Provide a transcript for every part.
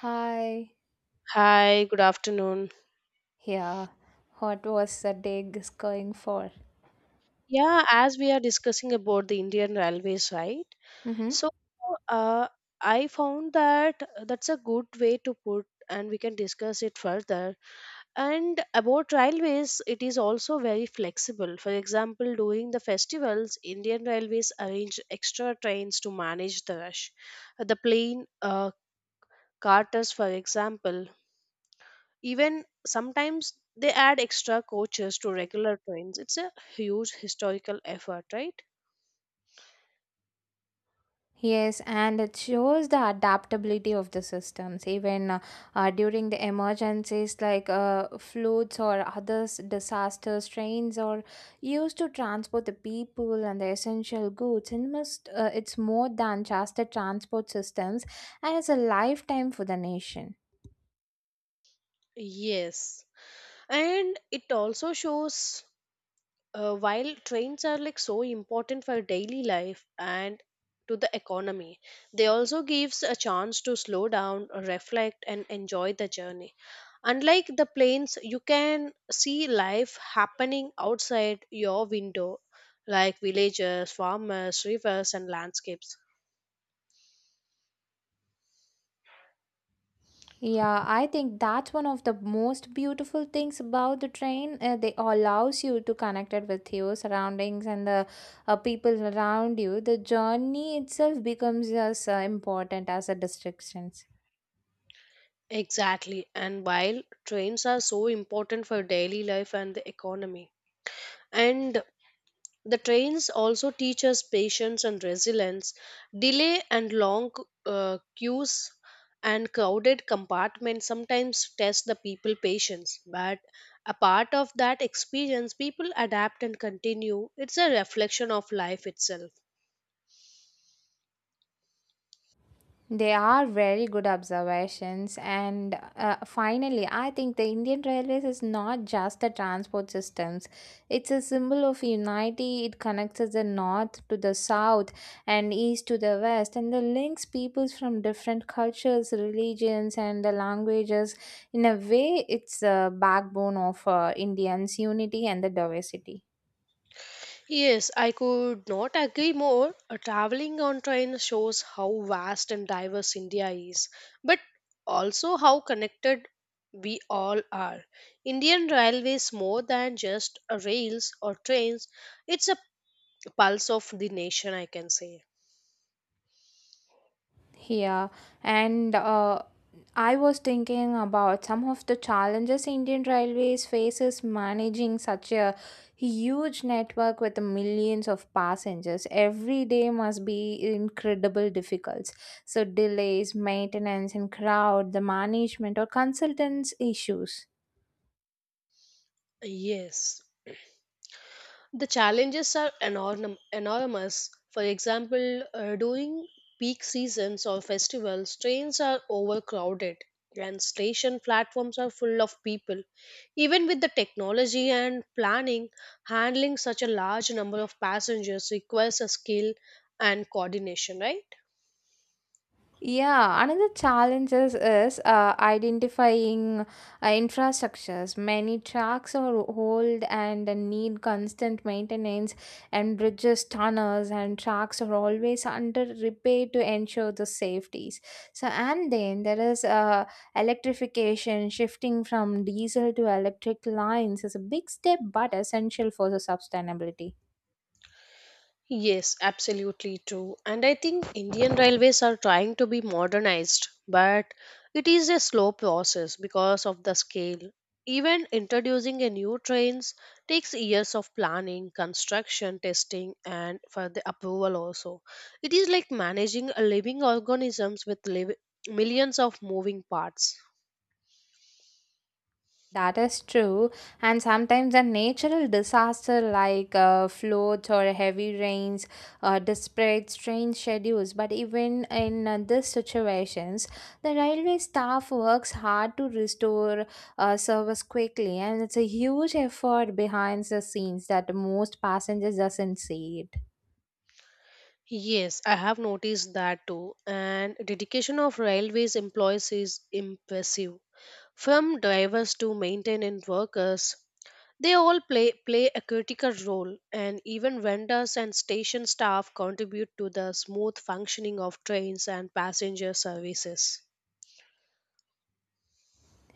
Hi. Hi, good afternoon. Yeah. What was the dig is going for? Yeah, as we are discussing about the Indian Railways, right? Mm-hmm. So, uh, I found that that's a good way to put, and we can discuss it further. And about railways, it is also very flexible. For example, during the festivals, Indian Railways arrange extra trains to manage the rush. The plane carters, for example, even sometimes they add extra coaches to regular trains. It's a huge historical effort, right? Yes, and it shows the adaptability of the systems, even during the emergencies like floods or other disasters. Trains are used to transport the people and the essential goods, and must it's more than just the transport systems, and it's a lifetime for the nation. Yes. And it also shows while trains are like so important for daily life and to the economy, they also gives a chance to slow down, reflect and enjoy the journey. Unlike the planes, you can see life happening outside your window like villages, farmers, rivers and landscapes. Yeah, I think that's one of the most beautiful things about the train. They allows you to connect it with your surroundings and the people around you. The journey itself becomes as important as the distractions. Exactly. And while trains are so important for daily life and the economy, and the trains also teach us patience and resilience, delay and long queues and crowded compartments sometimes test the people patience but a part of that experience people adapt and continue, it's a reflection of life itself. They are very good observations. And finally, I think the Indian Railways is not just the transport systems. It's a symbol of unity. It connects us the north to the south and east to the west and the links peoples from different cultures, religions and the languages. In a way, it's the backbone of Indians' unity and the diversity. Yes, I could not agree more. Traveling on train shows how vast and diverse India is, but also how connected we all are. Indian Railways more than just rails or trains, it's a pulse of the nation, I can say. Yeah, and I was thinking about some of the challenges Indian Railways faces managing such a huge network with millions of passengers. Every day must be incredible difficult. So delays, maintenance, and crowd, the management or consultants issues. Yes. The challenges are enormous. For example, during peak seasons or festivals, trains are overcrowded and station platforms are full of people. Even with the technology and planning, handling such a large number of passengers requires a skill and coordination, right? Yeah, another challenge is identifying infrastructures. Many tracks are old and need constant maintenance, and bridges, tunnels, and tracks are always under repair to ensure the safeties. So, and then there is electrification. Shifting from diesel to electric lines is a big step, but essential for the sustainability. Yes, absolutely true. And I think Indian railways are trying to be modernized, but it is a slow process because of the scale. Even introducing a new trains takes years of planning, construction, testing, and for the approval also. It is like managing a living organisms with millions of moving parts. That is true, and sometimes a natural disaster like floods or heavy rains disrupts train schedules. But even in these situations, the railway staff works hard to restore service quickly, and it's a huge effort behind the scenes that most passengers doesn't see it. Yes, I have noticed that too, and dedication of railways employees is impressive. From drivers to maintenance workers, they all play a critical role, and even vendors and station staff contribute to the smooth functioning of trains and passenger services.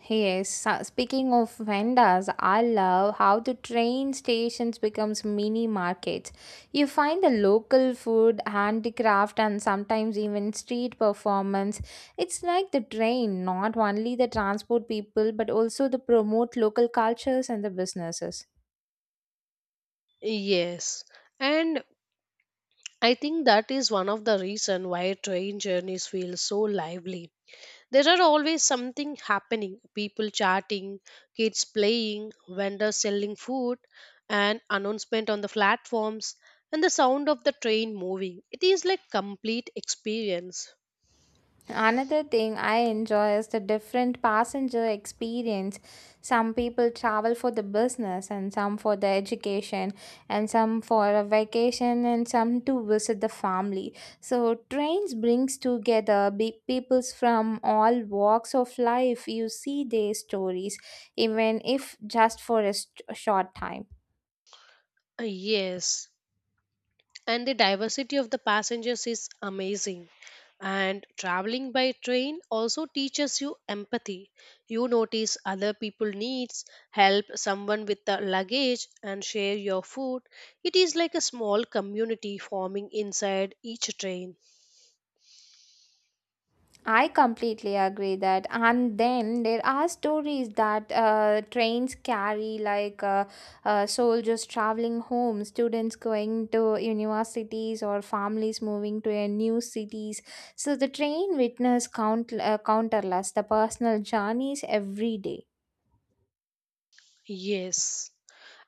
Yes, speaking of vendors, I love how the train stations becomes mini markets. You find the local food, handicraft and sometimes even street performance. It's like the train not only the transport people but also the promote local cultures and the businesses. Yes, and I think that is one of the reason why train journeys feel so lively. There are always something happening, people chatting, kids playing, vendors selling food, and announcement on the platforms, and the sound of the train moving. It is like complete experience. Another thing I enjoy is the different passenger experience. Some people travel for the business, and some for the education, and some for a vacation, and some to visit the family. So trains brings together peoples from all walks of life. You see their stories, even if just for a short time. Uh, Yes, and the diversity of the passengers is amazing. And traveling by train also teaches you empathy. You notice other people needs, help someone with the luggage and share your food. It is like a small community forming inside each train. I completely agree that. And then there are stories that trains carry, like soldiers traveling home, students going to universities, or families moving to a new cities. So the train witness countless the personal journeys every day. Yes.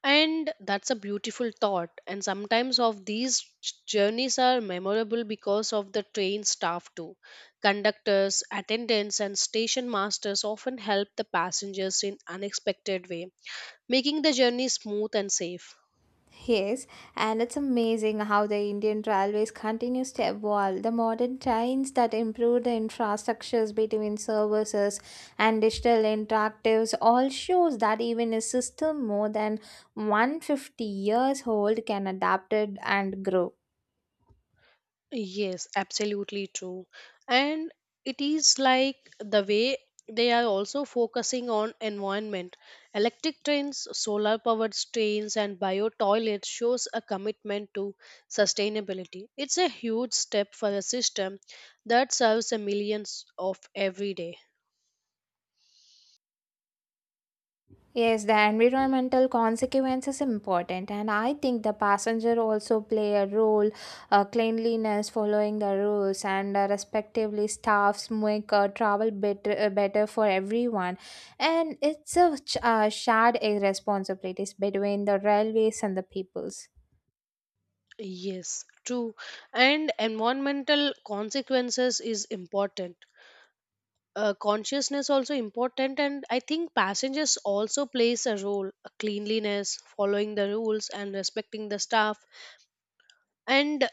And that's a beautiful thought. And sometimes of these journeys are memorable because of the train staff too. Conductors, attendants and station masters often help the passengers in unexpected way, making the journey smooth and safe. Yes, and it's amazing how the Indian Railways continues to evolve. The modern trains that improve the infrastructures between services and digital interactives all shows that even a system more than 150 years old can adapt it and grow. Yes, absolutely true. And it is like the way they are also focusing on environment. Electric trains, solar powered trains and bio toilets shows a commitment to sustainability. It's a huge step for a system that serves a millions of every day. Yes, the environmental consequence is important, and I think the passenger also play a role. Cleanliness, following the rules, and respectively, staffs make travel better, better for everyone. And it's a shared responsibilities between the railways and the peoples. Yes, true. And environmental consequences is important. Consciousness also important and I think passengers also plays a role. Cleanliness, following the rules and respecting the staff. And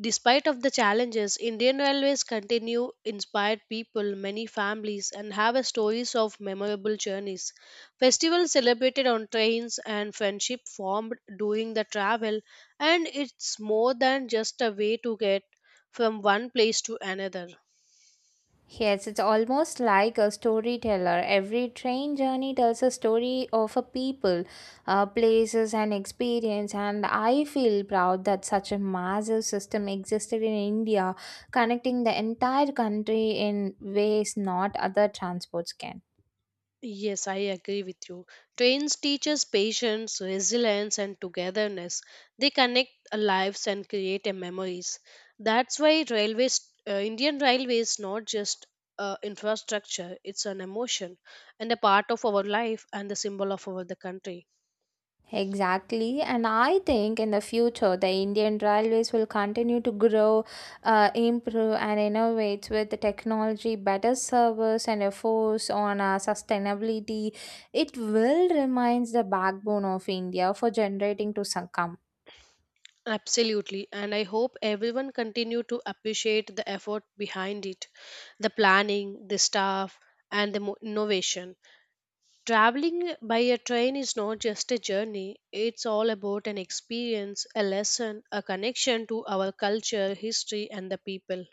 despite of the challenges, Indian railways continue inspired people, many families and have a stories of memorable journeys, festivals celebrated on trains and friendship formed during the travel, and it's more than just a way to get from one place to another. Yes, it's almost like a storyteller. Every train journey tells a story of a people, places, and experience. And I feel proud that such a massive system existed in India, connecting the entire country in ways not other transports can. Yes, I agree with you. Trains teach us patience, resilience, and togetherness. They connect our lives and create a memories. That's why railways, Indian railways, not just infrastructure. It's an emotion and a part of our life and the symbol of our the country. Exactly, and I think in the future the Indian Railways will continue to grow, improve, and innovate with the technology, better service, and a force on sustainability. It will remains the backbone of India for generating to succumb. Absolutely, and I hope everyone continue to appreciate the effort behind it, the planning, the staff, and the innovation. Traveling by a train is not just a journey, it's all about an experience, a lesson, a connection to our culture, history, and the people.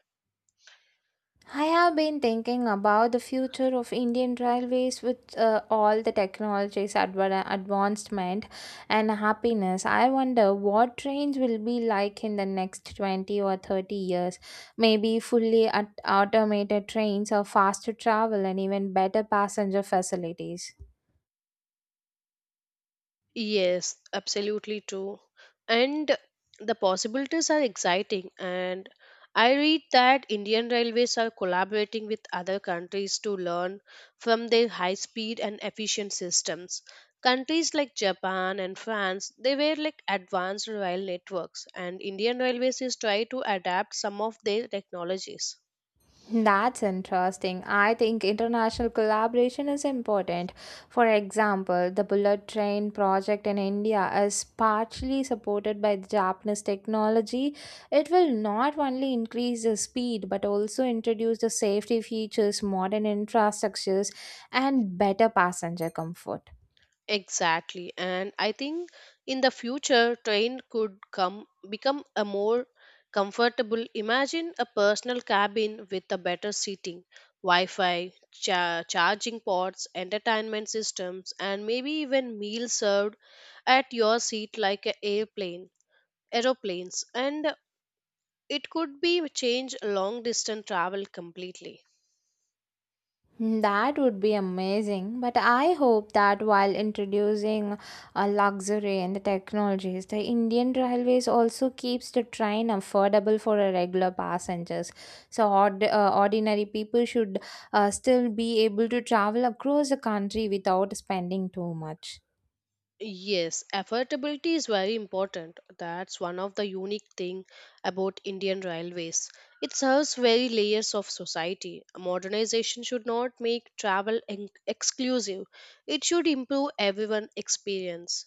I have been thinking about the future of Indian railways with all the technologies, advancement, and happiness. I wonder what trains will be like in the next 20 or 30 years. Maybe fully automated trains or faster travel and even better passenger facilities. Yes, absolutely true. And the possibilities are exciting. And I read that Indian Railways are collaborating with other countries to learn from their high speed and efficient systems. Countries like Japan and France, they were like advanced rail networks, and Indian Railways is trying to adapt some of their technologies. That's interesting. I think international collaboration is important. For example, the bullet train project in India is partially supported by the Japanese technology. It will not only increase the speed but also introduce the safety features, modern infrastructures, and better passenger comfort. Exactly. And I think in the future, train could come become a more comfortable. Imagine a personal cabin with a better seating, Wi-Fi, charging ports, entertainment systems, and maybe even meals served at your seat like a airplane, aeroplanes. And it could be change long distance travel completely. Hmm, that would be amazing, but I hope that while introducing a luxury and the technologies, the Indian Railways also keeps the train affordable for a regular passengers. So ordinary people should still be able to travel across the country without spending too much. Yes, affordability is very important. That's one of the unique thing about Indian railways. It serves very layers of society. Modernization should not make travel exclusive. It should improve everyone experience.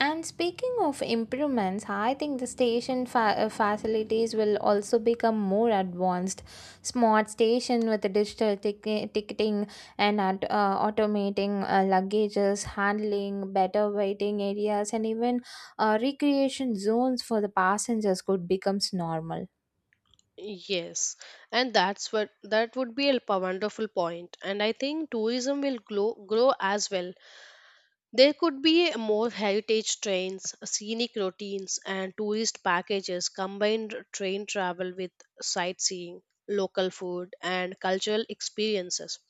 And speaking of improvements, I think the facilities will also become more advanced. Smart station with digital ticketing and automating luggages, handling, better waiting areas, and even recreation zones for the passengers could becomes normal. Yes, and that would be a wonderful point. And I think tourism will grow as well. There could be more heritage trains, scenic routines, and tourist packages combined train travel with sightseeing, local food, and cultural experiences.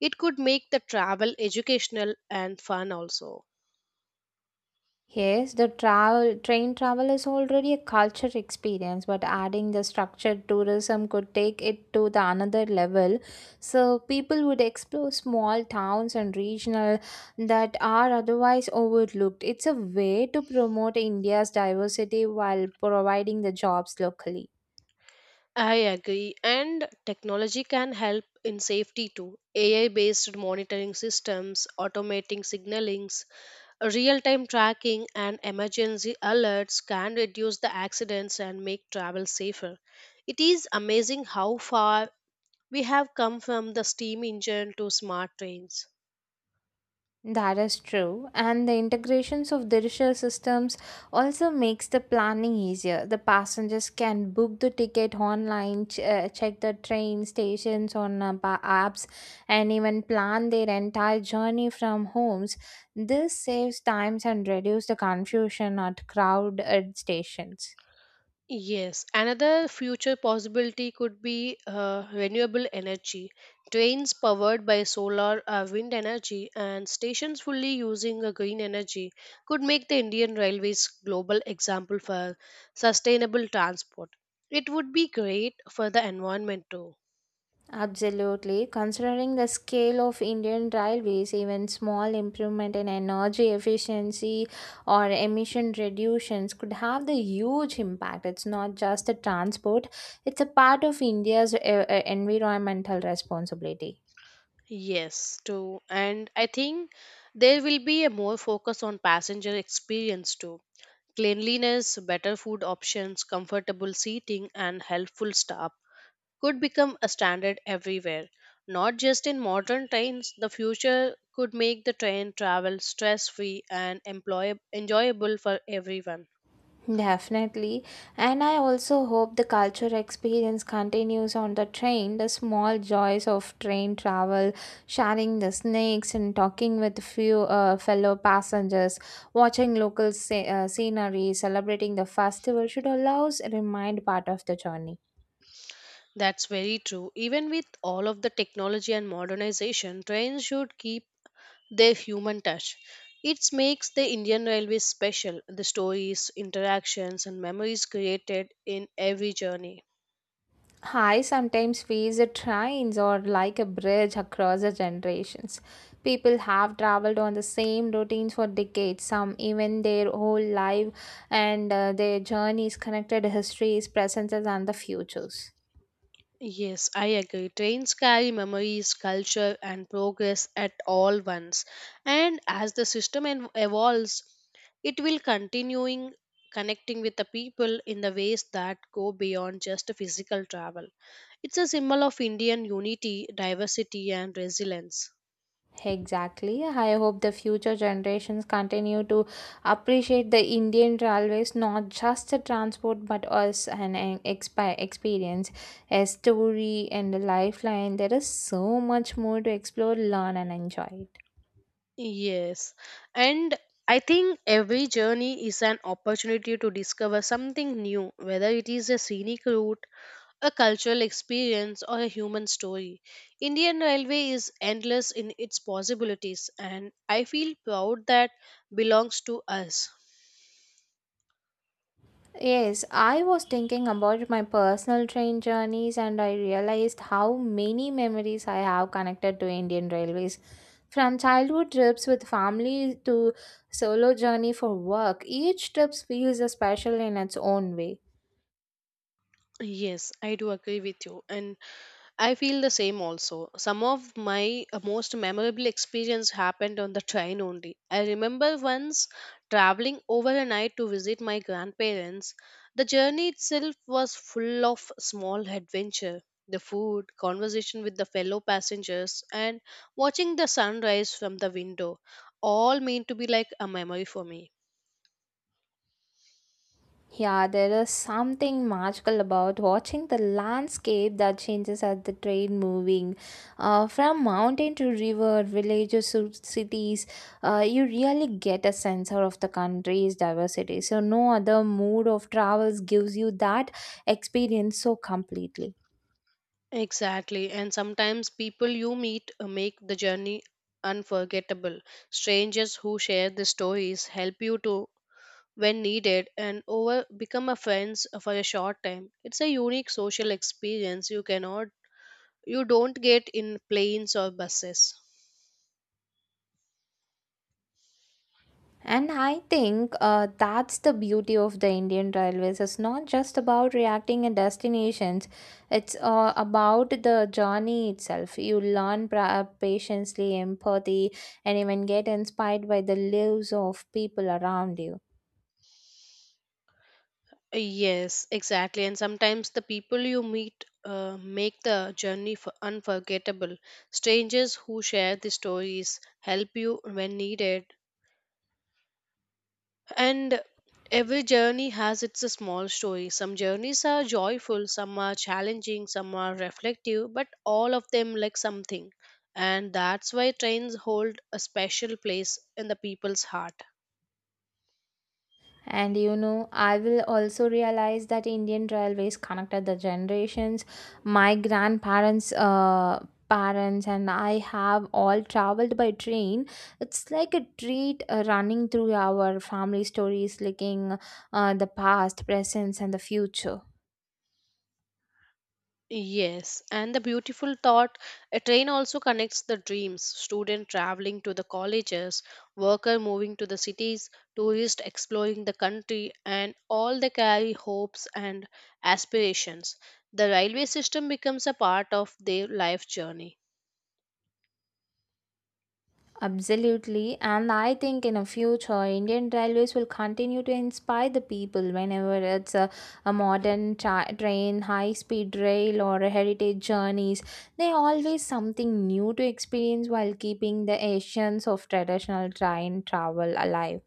It could make the travel educational and fun also. Yes, the travel train travel is already a culture experience, but adding the structured tourism could take it to the another level. So people would explore small towns and regional that are otherwise overlooked. It's a way to promote India's diversity while providing the jobs locally. I agree, and technology can help in safety too. AI based monitoring systems, automating signalings, real time tracking and emergency alerts can reduce the accidents and make travel safer. It is amazing how far we have come from the steam engine to smart trains. That is true, and the integrations of digital systems also makes the planning easier. The passengers can book the ticket online, check the train stations on apps, and even plan their entire journey from homes. This saves times and reduces the confusion at crowded stations. Yes, another future possibility could be renewable energy. Trains powered by solar or wind energy and stations fully using a green energy could make the Indian Railways global example for sustainable transport. It would be great for the environment too. Absolutely. Considering the scale of Indian railways, even small improvement in energy efficiency or emission reductions could have the huge impact. It's not just the transport, it's a part of India's environmental responsibility. Yes, too. And I think there will be a more focus on passenger experience too. Cleanliness, better food options, comfortable seating, and helpful staff could become a standard everywhere. Not just in modern trains, the future could make the train travel stress free and enjoyable for everyone. Definitely. And I also hope the cultural experience continues on the train, the small joys of train travel, sharing the snacks and talking with few fellow passengers, watching scenery, celebrating the festival should allows remind part of the journey. That's very true. Even with all of the technology and modernization, trains should keep their human touch. It makes the Indian Railways special, the stories, interactions, and memories created in every journey. I sometimes feels the trains are like a bridge across the generations. People have traveled on the same routines for decades, some even their whole life, and their journeys connected histories, presences, and the futures. Yes, I agree. Trains carry memories, culture, and progress at all once. And as the system evolves, it will continuing connecting with the people in the ways that go beyond just physical travel. It's a symbol of Indian unity, diversity, and resilience. Exactly. I hope the future generations continue to appreciate the Indian railways not just the transport but as an expi experience, a story, and a lifeline. There is so much more to explore, learn, and enjoy. Yes, and I think every journey is an opportunity to discover something new, whether it is a scenic route, a cultural experience, or a human story. Indian Railway is endless in its possibilities, and I feel proud that belongs to us. Yes, I was thinking about my personal train journeys and I realized how many memories I have connected to Indian Railways. From childhood trips with family to solo journey for work, each trip feels special in its own way. Yes, I do agree with you. And I feel the same also. Some of my most memorable experience happened on the train only. I remember once traveling overnight to visit my grandparents. The journey itself was full of small adventure. The food, conversation with the fellow passengers, and watching the sunrise from the window, all mean to be like a memory for me. Yeah, there is something magical about watching the landscape that changes as the train moving from mountain to river, villages to cities. You really get a sense of the country's diversity. So, no other mode of travels gives you that experience so completely. Exactly, and sometimes people you meet make the journey unforgettable. Strangers who share the stories help you to when needed and over become a friends for a short time. It's a unique social experience you cannot you don't get in planes or buses. And I think that's the beauty of the Indian Railways. It's not just about reacting and destinations, it's about the journey itself. You learn patiently, empathy, and even get inspired by the lives of people around you. Yes, exactly. And sometimes the people you meet make the journey unforgettable. Strangers who share the stories help you when needed. And every journey has its small story. Some journeys are joyful, some are challenging, some are reflective, but all of them like something. And that's why trains hold a special place in the people's heart. And you know, I will also realize that Indian railways connected the generations. My grandparents, parents, and I have all traveled by train. It's like a treat running through our family stories, linking the past, present, and the future. Yes, and the beautiful thought, a train also connects the dreams, student traveling to the colleges, worker moving to the cities, tourist exploring the country, and all they carry hopes and aspirations. The railway system becomes a part of their life journey. Absolutely, and I think in a future, Indian Railways will continue to inspire the people whenever it's a modern train, high speed rail, or a heritage journeys. They always something new to experience while keeping the essence of traditional train travel alive.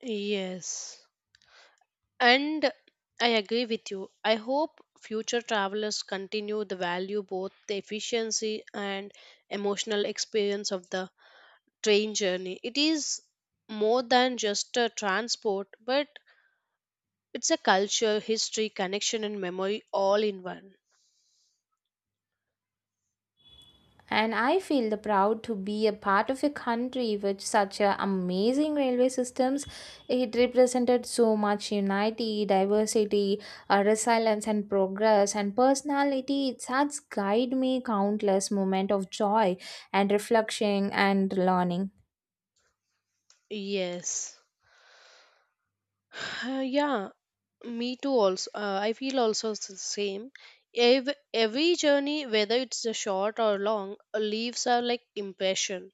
Yes. And I agree with you. I hope future travelers continue the value both the efficiency and emotional experience of the train journey. It is more than just a transport, but it's a culture, history, connection, and memory all in one. And I feel the proud to be a part of a country with such a amazing railway systems. It represented so much unity, diversity, resilience, and progress. And personality, it has guided me countless moments of joy and reflection and learning. Yes. Yeah, me too. Also, I feel also the same. Every journey, whether it's a short or long, leaves are like impression.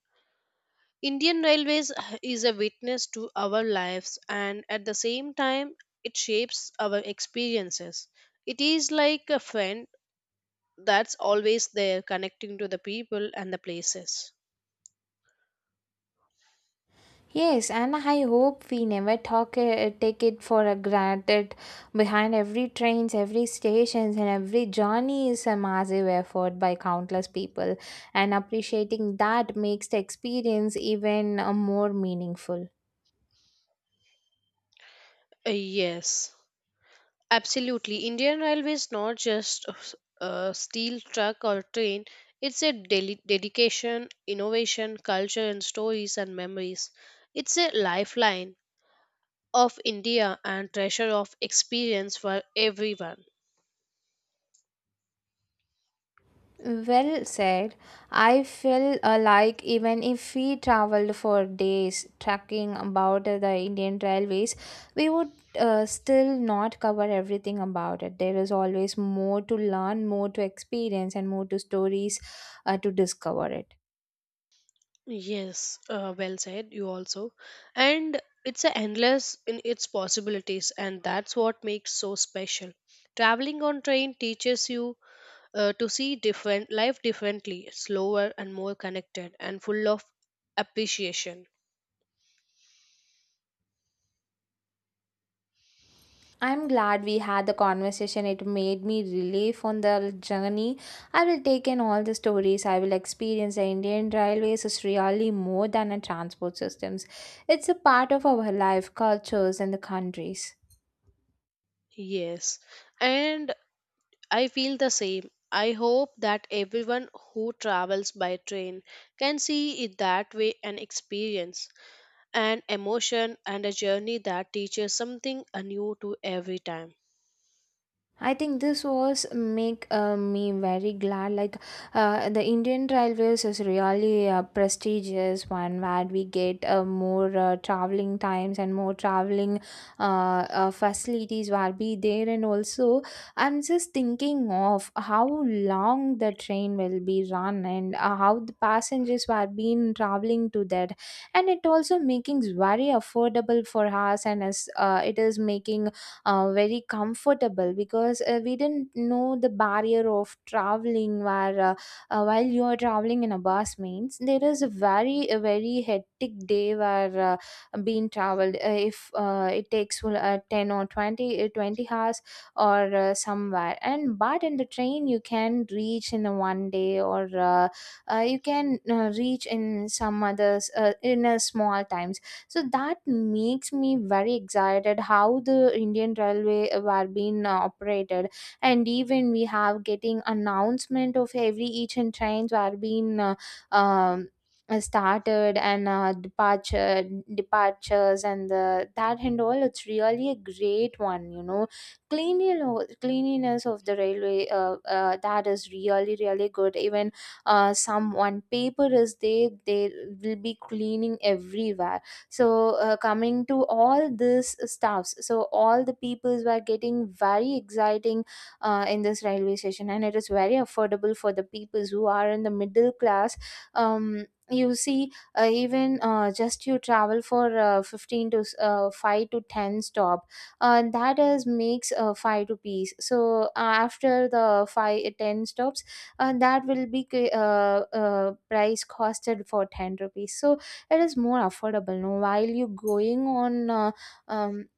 Indian Railways is a witness to our lives, and at the same time, it shapes our experiences. It is like a friend that's always there connecting to the people and the places. Yes, and I hope we never talk take it for a granted. Behind every trains, every stations, and every journey is a massive effort by countless people, and appreciating that makes the experience even more meaningful. Yes, absolutely, Indian railway is not just a a steel truck or train, it's a dedication, innovation, culture and stories and memories, it's a lifeline of India and treasure of experience for everyone. Well said. I feel alike even if we traveled for days tracking about the Indian railways, we would still not cover everything about it. There is always more to learn, more to experience, and more to stories to discover it. Yes, well said, you also. And it's a endless in its possibilities, and that's what makes so special. Traveling on train teaches you to see different life differently, slower and more connected, and full of appreciation. I'm glad we had the conversation. It made me relief on the journey. I will take in all the stories. I will experience the Indian railways is really more than a transport systems. It's a part of our life, cultures, and the countries. Yes, and I feel the same. I hope that everyone who travels by train can see it that way and experience an emotion and a journey that teaches something anew to every time. I think this was make me very glad. Like the Indian Railways is really a prestigious one where we get more traveling times and more traveling facilities will be there. And also, I'm just thinking of how long the train will be run and how the passengers were been traveling to that. And it also making very affordable for us, and as it is making very comfortable because we didn't know the barrier of traveling where while you are traveling in a bus means there is a very hectic day where being traveled if it takes 10 or 20 hours or somewhere, and but in the train you can reach in a one day or you can reach in some others in a small time. So that makes me very excited how the Indian railway were being operated, and even we have getting announcement of every each and trains were being um, started and departures and the that and all. It's really a great one. Cleanliness of the railway that is really really good. Even someone paper is there, they will be cleaning everywhere. So coming to all this staffs, so all the peoples were getting very exciting in this railway station, and it is very affordable for the peoples who are in the middle class. You see, even just you travel for 15 to 5 to 10 stop, that is makes 5 rupees. So after the 5 10 stops, that will be price costed for 10 rupees. So it is more affordable, no, while you going on um,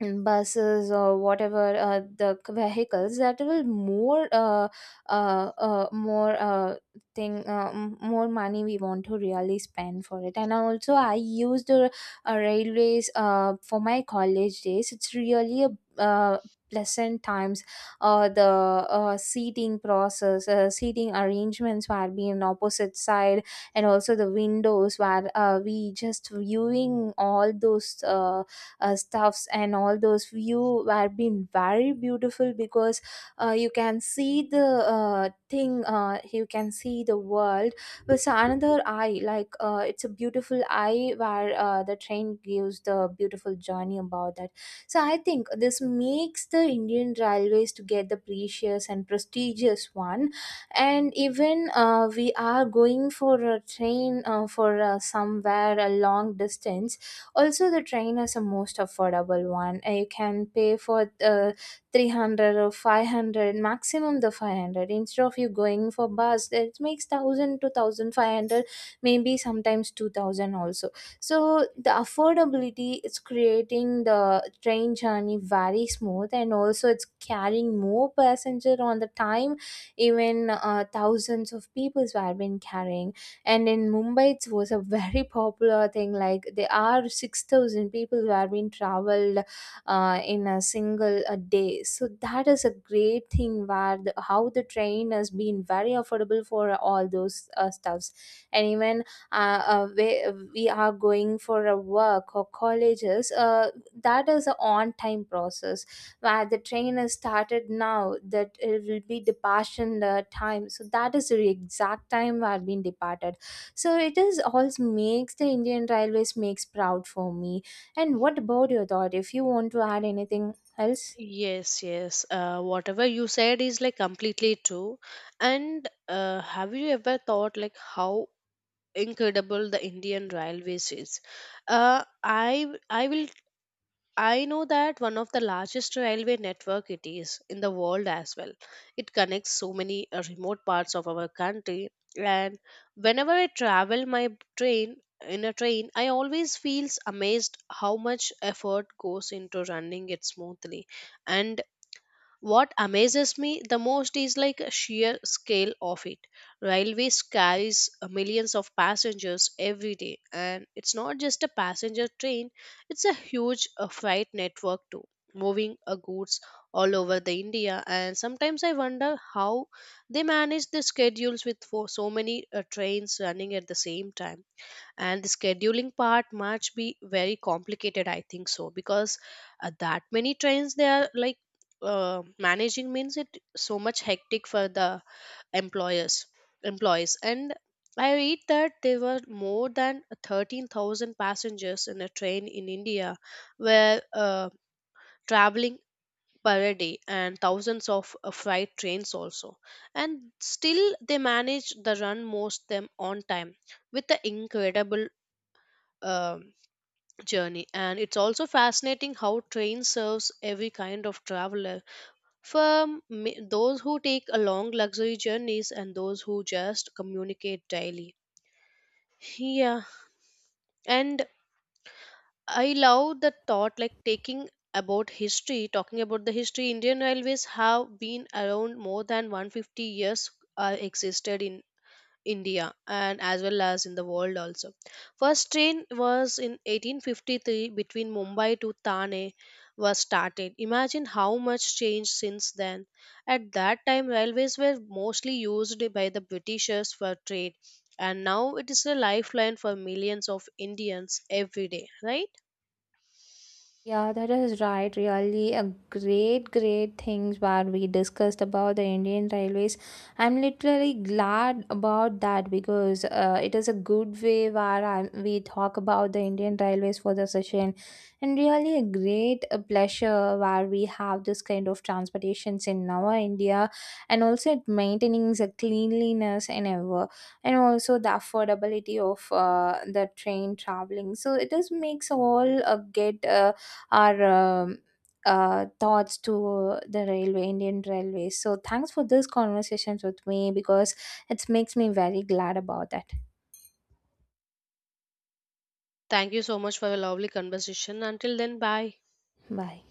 in buses or whatever the vehicles, that will more more thing more money we want to really spend for it. And also I used railways for my college days. It's really a pleasant times. The seating process, seating arrangements were being opposite side, and also the windows where we just viewing all those stuffs, and all those view were been very beautiful because you can see the thing you can see the world with another eye, like it's a beautiful eye where the train gives the beautiful journey about that. So I think this makes the Indian Railways to get the precious and prestigious one. And even we are going for a train for somewhere a long distance. Also, the train is the most affordable one. You can pay for 300 or 500, maximum the 500. Instead of you going for bus, it makes 1000 to 1500, maybe sometimes 2000 also. So, the affordability is creating the train journey very smooth, and also it's carrying more passenger on the time. Even thousands of people were been carrying, and in Mumbai it was a very popular thing. Like there are 6000 people who have been traveled in a single a day. So that is a great thing where the, how the train has been very affordable for all those stuffs. And even uh, uh, we, we are going for a work or colleges, that is a on time process where the train has started now that it will be departure in the time. So that is the exact time we have been departed. So it is all makes the Indian Railways makes proud for me. And what about your thought, if you want to add anything else? Yes, yes, whatever you said is like completely true. And have you ever thought like how incredible the Indian railways is? I will. I know that one of the largest railway network it is in the world as well. It connects so many remote parts of our country. And whenever I travel my train in a train, I always feels amazed how much effort goes into running it smoothly. And what amazes me the most is like a sheer scale of it. Railways carries millions of passengers every day, and it's not just a passenger train; it's a huge freight network too, moving goods all over the India. And sometimes I wonder how they manage the schedules with for so many trains running at the same time. And the scheduling part must be very complicated, I think so, because that many trains they are like managing means it so much hectic for the employers, employees. And I read that there were more than 13,000 passengers in a train in India were traveling per day, and thousands of freight trains also. And still they managed the run most them on time with the incredible um journey. And it's also fascinating how train serves every kind of traveler, from those who take a long luxury journeys and those who just communicate daily. Yeah. And I love the thought like taking about history, talking about the history, Indian railways have been around more than 150 years existed in India and as well as in the world also. First train was in 1853 between Mumbai to Thane was started. Imagine how much change since then. At that time railways were mostly used by the Britishers for trade and now it is a lifeline for millions of Indians every day, right? Yeah, that is right. Really, a great, great things what we discussed about the Indian Railways. I'm literally glad about that because it is a good way where we talk about the Indian Railways for the session, and really a great pleasure where we have this kind of transportations in our India, and also it maintaining the cleanliness and ever, and also the affordability of the train traveling. So it does makes all get. Our um, thoughts to the railway, Indian Railways. So thanks for this conversations with me because it makes me very glad about that. Thank you so much for a lovely conversation. Until then, bye. Bye.